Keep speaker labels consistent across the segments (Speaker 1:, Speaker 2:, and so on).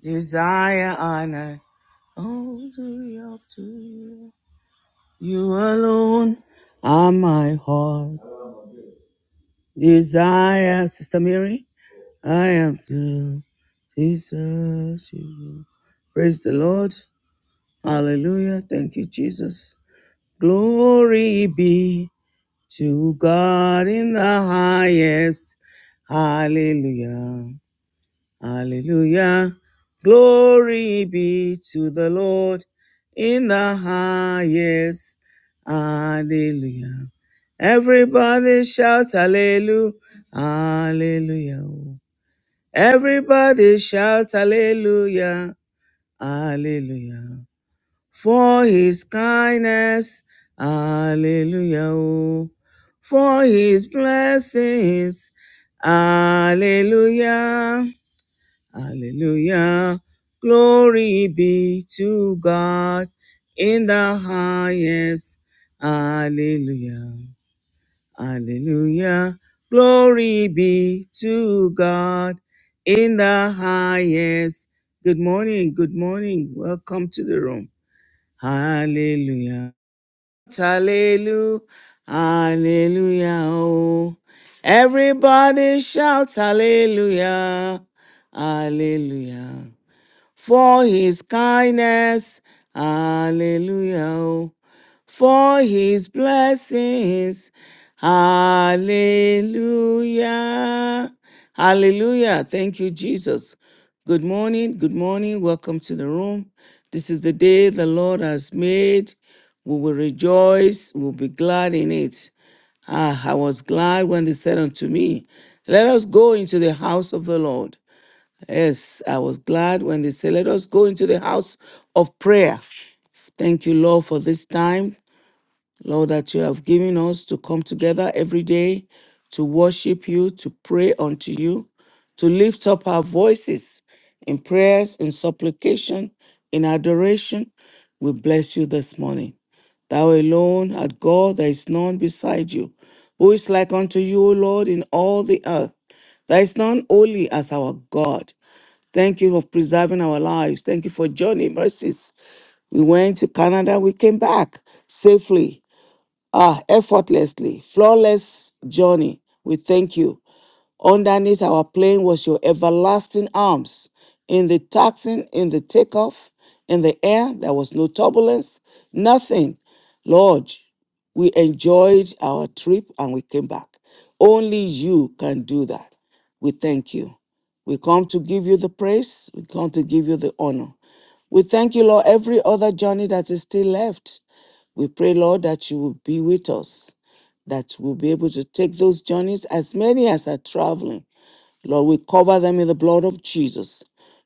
Speaker 1: Desire, honor, all to you, up to you. You alone are my heart. Desire, Sister Mary, I am to Jesus. You. Praise the Lord. Hallelujah. Thank you, Jesus. Glory be to God in the highest. Hallelujah. Hallelujah. Glory be to the Lord in the highest. Hallelujah. Everybody shout hallelujah. Hallelujah. Everybody shout hallelujah. Hallelujah. For his kindness. Hallelujah. For his blessings. Hallelujah. Hallelujah. Glory be to God in the highest. Hallelujah. Hallelujah. Glory be to God in the highest. Good morning. Good morning. Welcome to the room. Hallelujah. Hallelujah. Hallelujah. Oh. Everybody shout hallelujah. Hallelujah for his kindness. Hallelujah. oh. For his blessings. Hallelujah. Hallelujah. Thank you, Jesus. Good morning. Good morning. Welcome to the room. This is the day the Lord has made. We will rejoice. We'll be glad in it. Ah, I was glad when they said unto me, Let us go into the house of the Lord. Yes, I was glad when they said, Let us go into the house of prayer. Thank you, Lord, for this time. Lord, that you have given us to come together every day to worship you, to pray unto you, to lift up our voices in prayers, in supplication, in adoration. We bless you this morning. Thou alone art God, there is none beside you. Who is like unto you, O Lord, in all the earth? There is none holy as our God. Thank you for preserving our lives. Thank you for journey mercies. We went to Canada, we came back safely. Ah, effortlessly, flawless journey. We thank you. Underneath our plane was your everlasting arms. In the taxing, in the takeoff, in the air, there was no turbulence, nothing. Lord, we enjoyed our trip and we came back. Only you can do that. We thank you. We come to give you the praise. We come to give you the honor. We thank you, Lord, every other journey that is still left. We pray, Lord, that you will be with us, that we'll be able to take those journeys, as many as are traveling. Lord, we cover them in the blood of Jesus.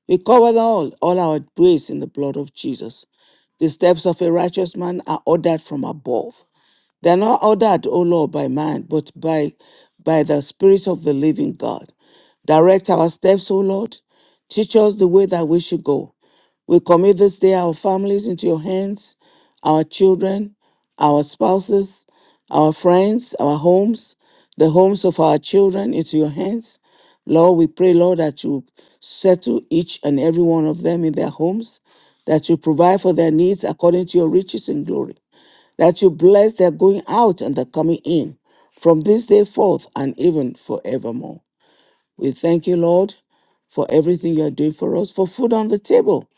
Speaker 1: We cover them all, all our ways in the blood of Jesus. The steps of a righteous man are ordered from above. They are not ordered, O Lord, by man, but by, by the Spirit of the living God. Direct our steps, O Lord. Teach us the way that we should go. We commit this day our families into your hands, our children, our spouses, our friends, our homes, the homes of our children into your hands. Lord, we pray, Lord, that you settle each and every one of them in their homes, that you provide for their needs according to your riches and glory that you bless their going out and their coming in from this day forth and even forevermore. We thank you, Lord, for everything you are doing for us, for food on the table.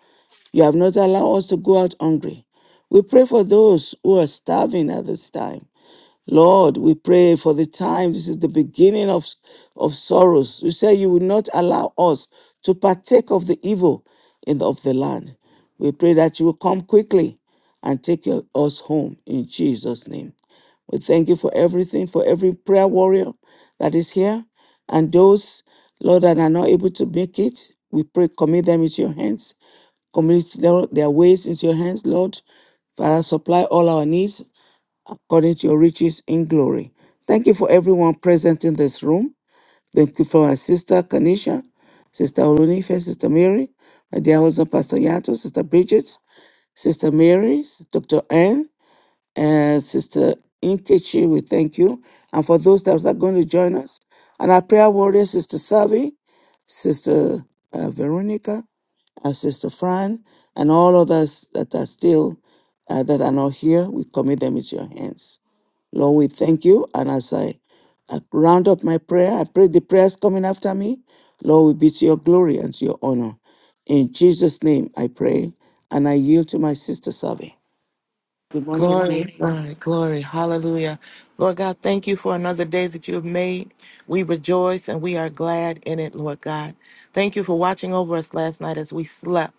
Speaker 1: You have not allowed us to go out hungry. We pray for those who are starving at this time. Lord, we pray for the time. This is the beginning of, of sorrows. You say you will not allow us to partake of the evil in the, of the land. We pray that you will come quickly and take your- us home in Jesus' name. We thank you for everything, for every prayer warrior that is here. And those, Lord, that are not able to make it, we pray, commit them into your hands. Commit their their ways into your hands, Lord. Father, supply all our needs according to your riches in glory. Thank you for everyone present in this room. Thank you for my sister Kanisha, Sister Olunife, Sister Mary, my dear husband Pastor Yato, Sister Bridget, Sister Mary, Dr. Anne, and Sister Inkechi. We thank you. And for those that are going to join us, and our prayer warrior, Sister Savi, Sister uh, Veronica, and Sister Fran, and all others that are still uh, that are not here, we commit them into your hands. Lord, we thank you. And as I I round up my prayer, I pray the prayers coming after me, Lord, will be to your glory and to your honor. In Jesus' name, I pray. And I yield to my sister Savi. Good morning,
Speaker 2: Glory,
Speaker 1: everyone.
Speaker 2: glory, glory. Hallelujah. Lord God, thank you for another day that you have made. We rejoice and we are glad in it, Lord God. Thank you for watching over us last night as we slept,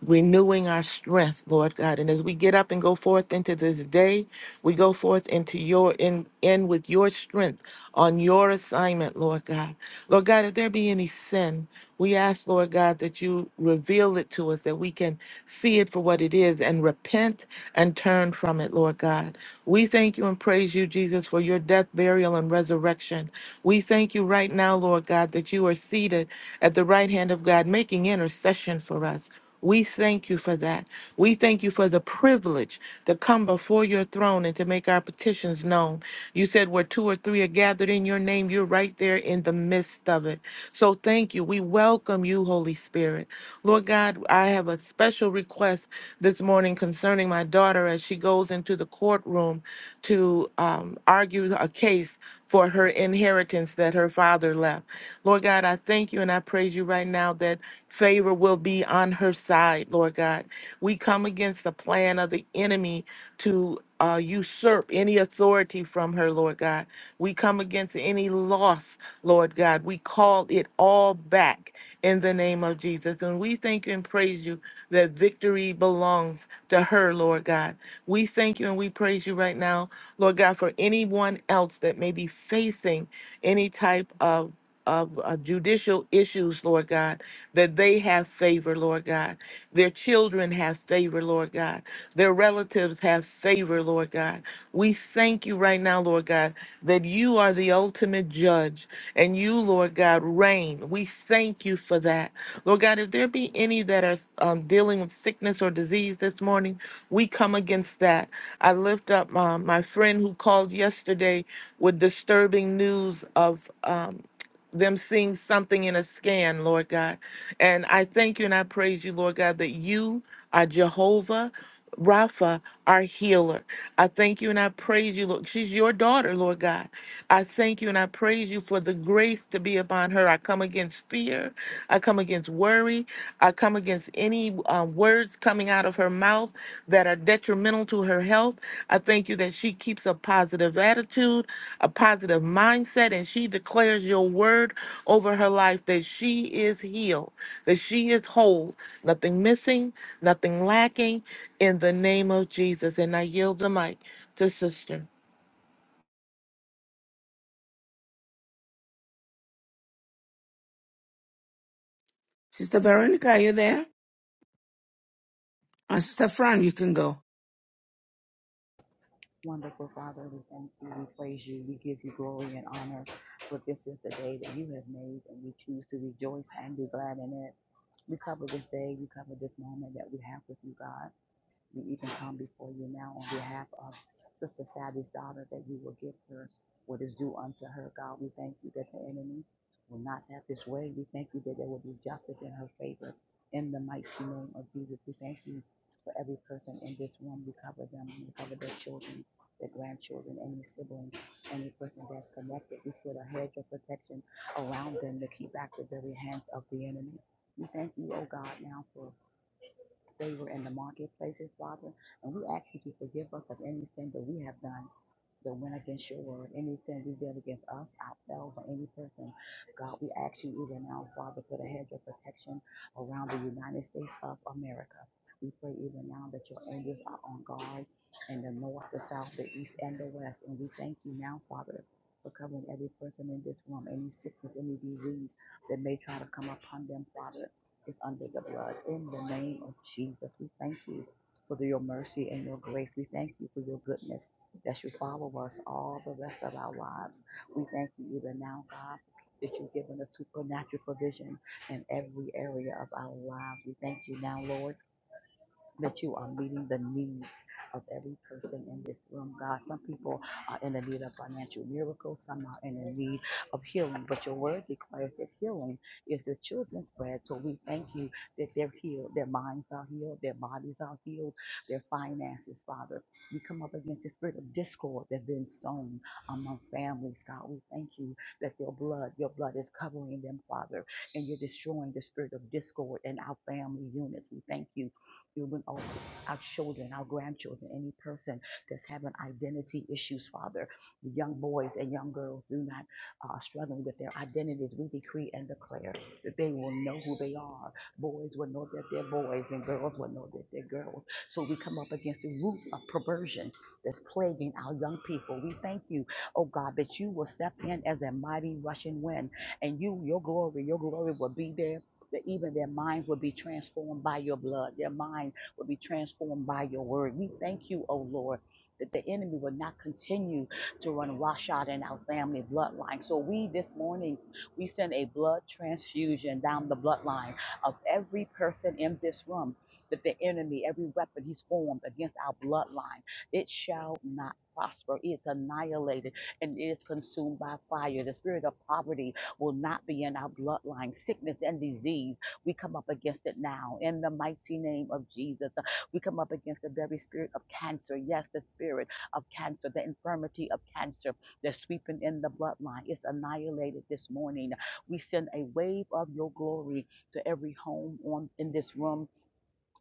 Speaker 2: renewing our strength, Lord God. And as we get up and go forth into this day, we go forth into your in, in with your strength on your assignment, Lord God. Lord God, if there be any sin, we ask, Lord God, that you reveal it to us, that we can see it for what it is and repent and turn from it, Lord God. We thank you and praise praise you, Jesus, for your death, burial, and resurrection. We thank you right now, Lord God, that you are seated at the right hand of God, making intercession for us. We thank you for that. We thank you for the privilege to come before your throne and to make our petitions known. You said where two or three are gathered in your name, you're right there in the midst of it. So thank you. We welcome you, Holy Spirit. Lord God, I have a special request this morning concerning my daughter as she goes into the courtroom to um, argue a case for her inheritance that her father left. Lord God, I thank you and I praise you right now that favor will be on her side, Lord God. We come against the plan of the enemy to uh, usurp any authority from her, Lord God. We come against any loss, Lord God. We call it all back in the name of Jesus. And we thank you and praise you that victory belongs to her, Lord God. We thank you and we praise you right now, Lord God, for anyone else that may be facing any type of of uh, judicial issues, Lord God, that they have favor, Lord God. Their children have favor, Lord God. Their relatives have favor, Lord God. We thank you right now, Lord God, that you are the ultimate judge and you, Lord God, reign. We thank you for that. Lord God, if there be any that are um, dealing with sickness or disease this morning, we come against that. I lift up uh, my friend who called yesterday with disturbing news of. um, them seeing something in a scan, Lord God. And I thank you and I praise you, Lord God, that you are Jehovah. Rapha, our healer. I thank you and I praise you, Lord. She's your daughter, Lord God. I thank you and I praise you for the grace to be upon her. I come against fear. I come against worry. I come against any uh, words coming out of her mouth that are detrimental to her health. I thank you that she keeps a positive attitude, a positive mindset, and she declares your word over her life that she is healed, that she is whole, nothing missing, nothing lacking in the name of Jesus. And I yield the mic to sister.
Speaker 1: Sister Veronica, are you there? And Sister Fran, you can go.
Speaker 3: Wonderful Father, we thank you, we praise you, we give you glory and honor. For this is the day that you have made, and we choose to rejoice and be glad in it. We cover this day, we cover this moment that we have with you, God. We even come before you now on behalf of Sister Savvy's daughter that you will give her what is due unto her, God. We thank you that the enemy will not have his way. We thank you that there will be justice in her favor in the mighty name of Jesus. We thank you for every person in this room. We cover them. We cover their children, their grandchildren, any sibling, any person that's connected. We put a hedge of protection around them to keep back the very hands of the enemy. We thank you, oh God, now for they were in the marketplaces, Father. And we ask that you forgive us of anything that we have done that went against your word, anything we did against us, ourselves, or any person. God, we ask you even now, Father, put a hedge of protection around the United States of America. We pray even now that your angels are on guard in the north, the south, the east, and the west. And we thank you now, Father, for covering every person in this room, any sickness, any disease that may try to come upon them, Father, is under the blood. In the name of Jesus, we thank you for your mercy and your grace. We thank you for your goodness that you follow us all the rest of our lives. We thank you even now, God, that you've given us supernatural provision in every area of our lives. We thank you now, Lord, that you are meeting the needs of every person in this room, God. Some people are in the need of financial miracles, some are in the need of healing, but your word declares that healing is the children's bread. So we thank you that they're healed, their minds are healed, their bodies are healed, their finances, Father. We come up against the spirit of discord that's been sown among families, God. We thank you that your blood, your blood is covering them, Father, and you're destroying the spirit of discord in our family units. We thank you even our, our children, our grandchildren, any person that's having identity issues, Father. The young boys and young girls do not uh, struggling with their identities. We decree and declare that they will know who they are. Boys will know that they're boys, and girls will know that they're girls. So we come up against the root of perversion that's plaguing our young people. We thank you, oh God, that you will step in as a mighty rushing wind, and you, your glory, your glory will be there that even their minds will be transformed by your blood. Their mind will be transformed by your word. We thank you, oh Lord, that the enemy will not continue to run roughshod in our family bloodline. So we this morning, we send a blood transfusion down the bloodline of every person in this room that the enemy, every weapon he's formed against our bloodline, it shall not prosper. It's annihilated and it is consumed by fire. The spirit of poverty will not be in our bloodline. Sickness and disease, we come up against it now in the mighty name of Jesus. uh, We come up against the very spirit of cancer. Yes, the spirit of cancer, the infirmity of cancer that's sweeping in the bloodline. It's annihilated this morning. We send a wave of your glory to every home on in this room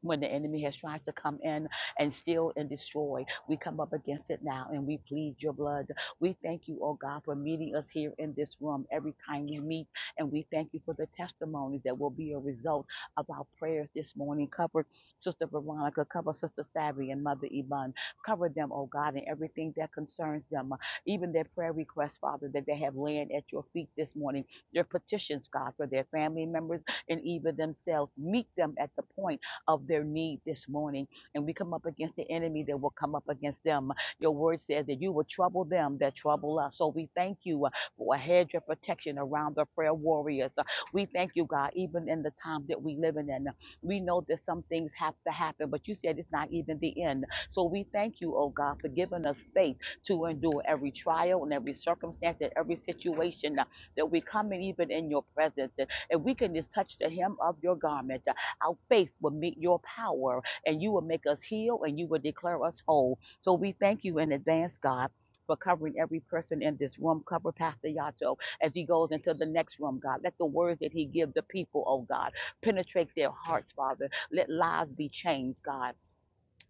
Speaker 3: when the enemy has tried to come in and steal and destroy. We come up against it now and we plead your blood. We thank you, oh God, for meeting us here in this room every time we meet. And we thank you for the testimony that will be a result of our prayers this morning. Cover Sister Veronica, cover Sister Savvy and Mother Iman. Cover them, oh God, and everything that concerns them. Even their prayer requests, Father, that they have laying at your feet this morning. Their petitions, God, for their family members and even themselves. Meet them at the point of their need this morning. And we come up against the enemy that will come up against them. Your word says that you will trouble them that trouble us. So we thank you uh, for a hedge of protection around the prayer warriors. Uh, We thank you, God, even in the time that we live in. And we know that some things have to happen, but you said it's not even the end. So we thank you, oh God, for giving us faith to endure every trial and every circumstance and every situation uh, that we come in, even in your presence. And and we can just touch the hem of your garment. uh, our faith will meet your power and you will make us heal and you will declare us whole. So we thank you in advance, God. For covering every person in this room, cover Pastor Yato as he goes into the next room, God. Let the words that he gives the people, oh God, penetrate their hearts, Father. Let lives be changed, God.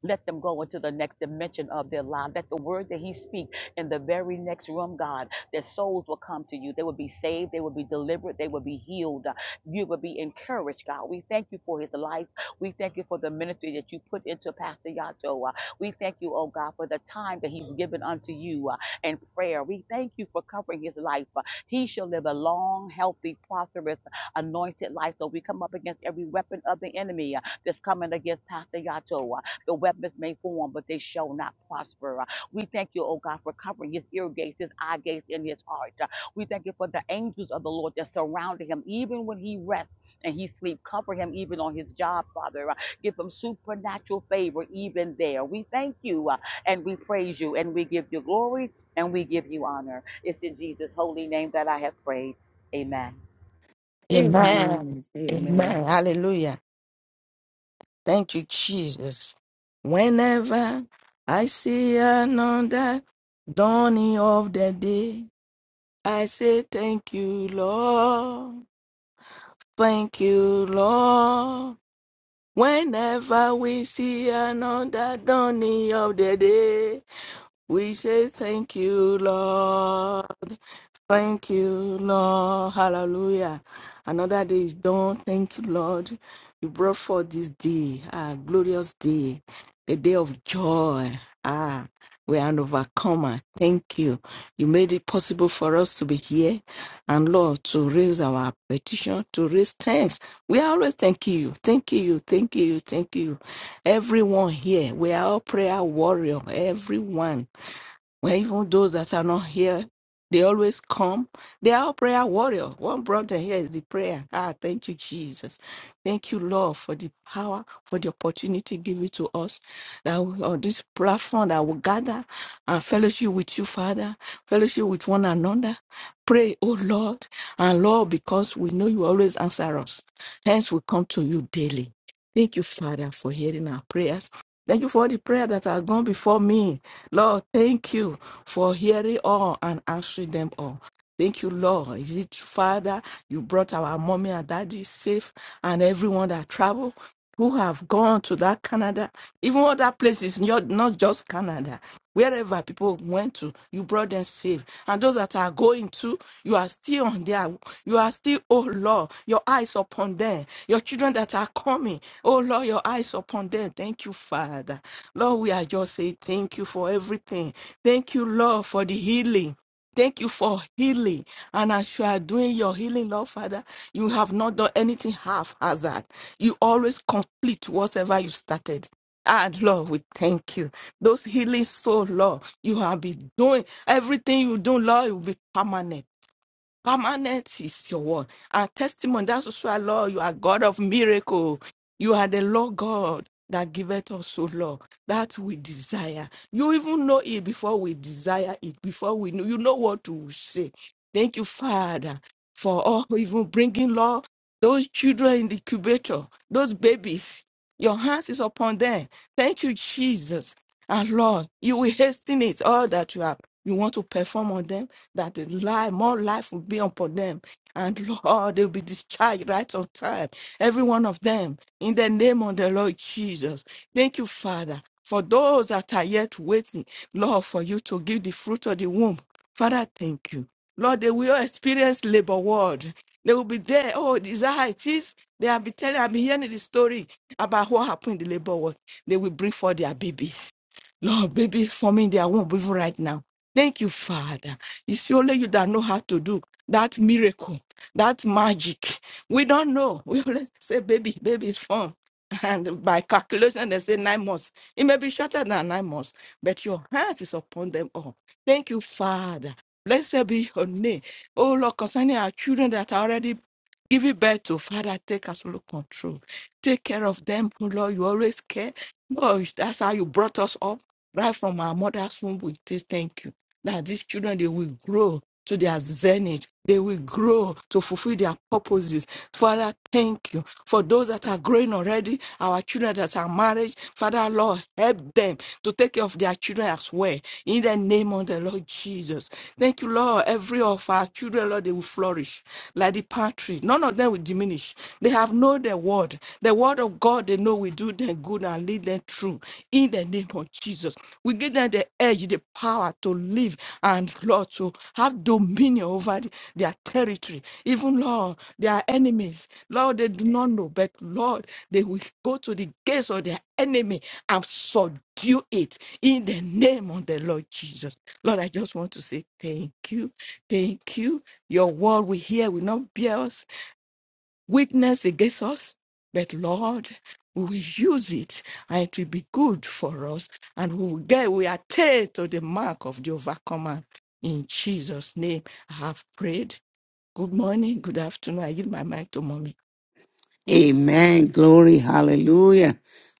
Speaker 3: Let them go into the next dimension of their life. Let the word that He speaks in the very next room, God, their souls will come to you. They will be saved. They will be delivered. They will be healed. You will be encouraged, God. We thank you for His life. We thank you for the ministry that you put into Pastor Yato. Uh, We thank you, oh God, for the time that He's given unto you uh, in prayer. We thank you for covering His life. Uh, He shall live a long, healthy, prosperous, anointed life. So we come up against every weapon of the enemy uh, that's coming against Pastor Yato. The weapons may form, but they shall not prosper. Uh, We thank you, oh God, for covering his ear gates, his eye gates, and his heart. Uh, We thank you for the angels of the Lord that surrounded him, even when he rests and he sleep. Cover him even on his job, Father. Uh, Give him supernatural favor even there. We thank you uh, and we praise you and we give you glory and we give you honor. It's in Jesus' holy name that I have prayed. Amen.
Speaker 4: Amen.
Speaker 1: Amen. Amen.
Speaker 4: Amen. Hallelujah. Thank you, Jesus. Whenever I see another dawning of the day, I say, Thank you, Lord. Thank you, Lord. Whenever we see another dawning of the day, We say thank you, Lord. Thank you, Lord. Hallelujah. Another day is done. Thank you, Lord. You brought forth this day, a glorious day, a day of joy. Ah, we are an overcomer. Thank you. You made it possible for us to be here and, Lord, to raise our petition, to raise thanks. We are always thanking you. Thank you. Thank you. Thank you. Everyone here, we are all prayer warrior. Everyone. Where even those that are not here, they always come. They are prayer warrior. One brother here is the prayer. Ah, thank you, Jesus. Thank you, Lord, for the power, for the opportunity given to us that we, on this platform that we gather and fellowship with you, Father, fellowship with one another. Pray, oh Lord, and Lord, because we know you always answer us. Hence, we come to you daily. Thank you, Father, for hearing our prayers. Thank you for all the prayer that have gone before me. Lord, thank you for hearing all and answering them all. Thank you, Lord. Is it Father? You brought our mommy and daddy safe and everyone that traveled, who have gone to that Canada, even other places, not, not just Canada. Wherever people went to, you brought them safe and those that are going to, you are still on there. You are still, oh Lord, your eyes upon them. Your children that are coming, oh Lord, your eyes upon them. Thank you, Father. Lord, we are just saying thank you for everything. Thank you, Lord, for the healing. Thank you for healing. And as you are doing your healing, Lord Father, you have not done anything half hazard. You always complete whatever you started. Ah, Lord, we thank you. Those healing souls, Lord, you have been doing everything you do, Lord, it will be permanent. Permanent is your word. Our testimony, that's also our Lord. You are God of miracle. You are the Lord God that giveth us, O Lord, that we desire. You even know it before we desire it, before we know. You know what to say. Thank you, Father, for all even bringing, Lord, those children in the incubator, those babies. Your hands is upon them. Thank you, Jesus. And Lord, you will hasten it all that you have. You want to perform on them that the life, more life will be upon them. And Lord, they'll be discharged right on time. Every one of them, in the name of the Lord Jesus. Thank you, Father, for those that are yet waiting, Lord, for you to give the fruit of the womb. Father, thank you. Lord, they will experience labor ward. They will be there. Oh, is that how it is? They have been telling, I've been hearing the story about what happened in the labor ward. They will bring forth their babies. Lord, babies forming their womb even right now. Thank you, Father. It's only you that know how to do that miracle, that magic. We don't know. We always say, baby, baby is formed. And by calculation, they say nine months. It may be shorter than nine months, but your hands is upon them all. Thank you, Father. Blessed be your name. Oh, Lord, concerning our children that are already giving birth to, Father, take absolute control. Take care of them, oh Lord. You always care. Oh, that's how you brought us up right from our mother's womb, we say thank you. That these children they will grow to their zenith. They will grow to fulfill their purposes. Father, thank you. For those that are growing already, our children that are married, Father Lord, help them to take care of their children as well. In the name of the Lord Jesus. Thank you, Lord. Every of our children, Lord, they will flourish like the palm tree. None of them will diminish. They have known the word. The word of God, they know will do them good and lead them through. In the name of Jesus, we give them the edge, the power to live and Lord to have dominion over th- their territory. Even Lord, their enemies, Lord, they do not know, but Lord, they will go to the gates of their enemy and subdue it in the name of the Lord Jesus. Lord, I just want to say thank you. Thank you. Your word we hear will not bear us witness against us, but Lord, we will use it and it will be good for us and we will get, we attain to the mark of the overcomer. In Jesus' name, I have prayed. Good morning, good afternoon. I give my mic to mommy.
Speaker 1: Amen. Glory. Hallelujah.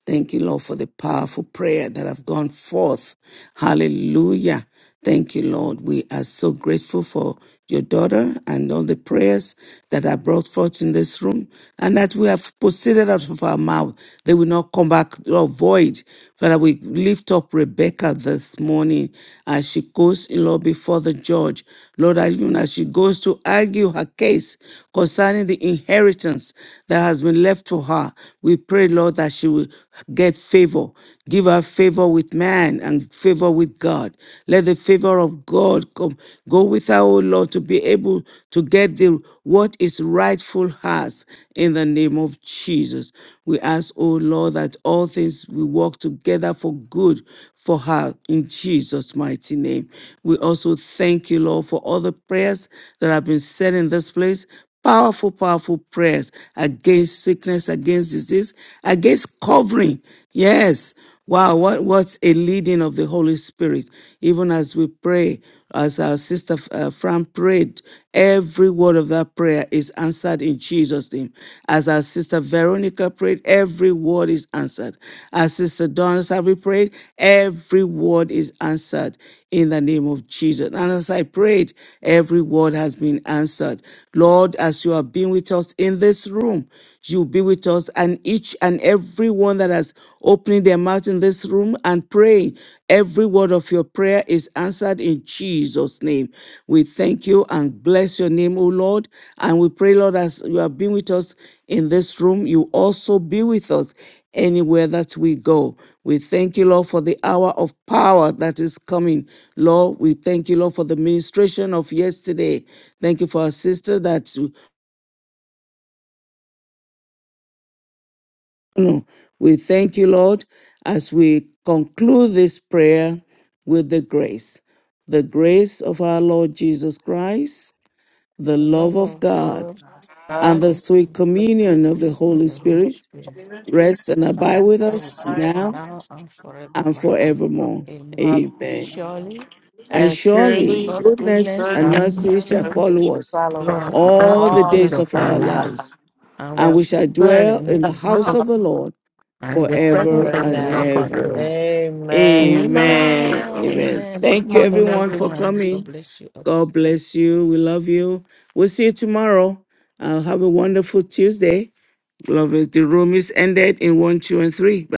Speaker 1: Thank you, Lord, for the powerful prayer that have gone forth. Hallelujah. Thank you, Lord. We are so grateful for your daughter and all the prayers that are brought forth in this room and that we have proceeded out of our mouth. They will not come back or void. Father, we lift up Rebecca this morning as she goes, Lord, before the judge. Lord, even as she goes to argue her case concerning the inheritance that has been left to her, we pray, Lord, that she will get favor. Give her favor with man and favor with God. Let the favor of God come go with her, O Lord, to be able to get the what is rightful hers in the name of Jesus. We ask, O Lord, that all things will work together for good for her in Jesus' mighty name. We also thank you, Lord, for all the prayers that have been said in this place Powerful, powerful prayers against sickness, against disease, against covering. Yes. Wow, what, what's a leading of the Holy Spirit? Even as we pray, as our sister uh, Fran prayed, every word of that prayer is answered in Jesus' name. As our sister Veronica prayed, every word is answered. As sister Donna Savvy prayed, every word is answered in the name of Jesus. And as I prayed, every word has been answered. Lord, As as you have been with us in this room. You'll be with us and each and every one that has opened their mouth in this room and praying. Every word of your prayer is answered in Jesus' name. We thank you and bless your name, O Lord. And we pray, Lord, as you have been with us in this room, you also be with us anywhere that we go. We thank you, Lord, for the hour of power that is coming. Lord, we thank you, Lord, for the ministration of yesterday. Thank you for our sister that No, We thank you, Lord, as we conclude this prayer with the grace. The grace of our Lord Jesus Christ, the
Speaker 4: The
Speaker 1: love
Speaker 4: love
Speaker 1: of
Speaker 4: of
Speaker 1: God,
Speaker 4: God
Speaker 3: God,
Speaker 1: and
Speaker 2: God,
Speaker 1: the
Speaker 2: I
Speaker 1: sweet
Speaker 4: and
Speaker 2: Holy
Speaker 1: communion of the
Speaker 4: fellowship of
Speaker 1: Holy
Speaker 4: the
Speaker 3: the
Speaker 4: Holy
Speaker 3: Holy
Speaker 1: Spirit
Speaker 4: Spirit.
Speaker 3: Spirit,
Speaker 2: Spirit,
Speaker 1: rest and
Speaker 4: Rest and
Speaker 1: abide
Speaker 2: and
Speaker 1: with
Speaker 3: in
Speaker 4: abide
Speaker 3: the
Speaker 4: with
Speaker 1: us
Speaker 3: life
Speaker 2: I,
Speaker 4: us
Speaker 3: of
Speaker 1: now
Speaker 3: us
Speaker 4: now and
Speaker 3: now.
Speaker 1: and
Speaker 4: forevermore.
Speaker 1: forevermore.
Speaker 4: Amen.
Speaker 1: Amen.
Speaker 3: Amen.
Speaker 4: Surely
Speaker 1: And
Speaker 2: And
Speaker 3: Glory.
Speaker 1: surely
Speaker 2: surely
Speaker 4: God's
Speaker 1: goodness
Speaker 4: goodness
Speaker 1: and
Speaker 2: Goodness
Speaker 3: This
Speaker 4: and
Speaker 1: mercy
Speaker 3: is
Speaker 2: and
Speaker 1: shall
Speaker 3: not
Speaker 4: mercy
Speaker 3: the
Speaker 2: mercy
Speaker 1: follow
Speaker 2: shall
Speaker 1: us
Speaker 3: outlook
Speaker 2: follow
Speaker 4: follow
Speaker 2: us
Speaker 4: us all
Speaker 1: all
Speaker 3: on
Speaker 4: the
Speaker 1: the
Speaker 2: all
Speaker 3: the
Speaker 2: the
Speaker 4: days
Speaker 1: days
Speaker 3: days
Speaker 4: of
Speaker 1: of
Speaker 3: of
Speaker 2: days
Speaker 4: our
Speaker 1: our
Speaker 2: of
Speaker 3: our
Speaker 2: our
Speaker 4: lives.
Speaker 1: lives
Speaker 2: life,
Speaker 3: lives,
Speaker 4: I
Speaker 1: and we
Speaker 2: and
Speaker 4: was
Speaker 1: shall
Speaker 3: and
Speaker 4: good
Speaker 1: dwell
Speaker 3: our
Speaker 4: in
Speaker 1: in the
Speaker 4: the
Speaker 1: house
Speaker 4: house
Speaker 1: of the
Speaker 3: outlook
Speaker 1: Lord
Speaker 4: and the
Speaker 3: forever
Speaker 4: presence
Speaker 1: forever
Speaker 2: forever
Speaker 4: of
Speaker 2: and
Speaker 3: and
Speaker 4: the
Speaker 1: and
Speaker 3: ever.
Speaker 4: Lord
Speaker 2: ever.
Speaker 1: ever.
Speaker 4: forever.
Speaker 2: Amen.
Speaker 1: Amen.
Speaker 4: Amen.
Speaker 1: Amen.
Speaker 4: Amen. Good
Speaker 1: Thank you,
Speaker 4: morning,
Speaker 1: everyone, for
Speaker 4: everyone. God
Speaker 1: coming.
Speaker 4: bless you.
Speaker 1: God bless you. We love you. We'll see you tomorrow. Uh, have a wonderful Tuesday. Love is the room is ended in one, two, and three.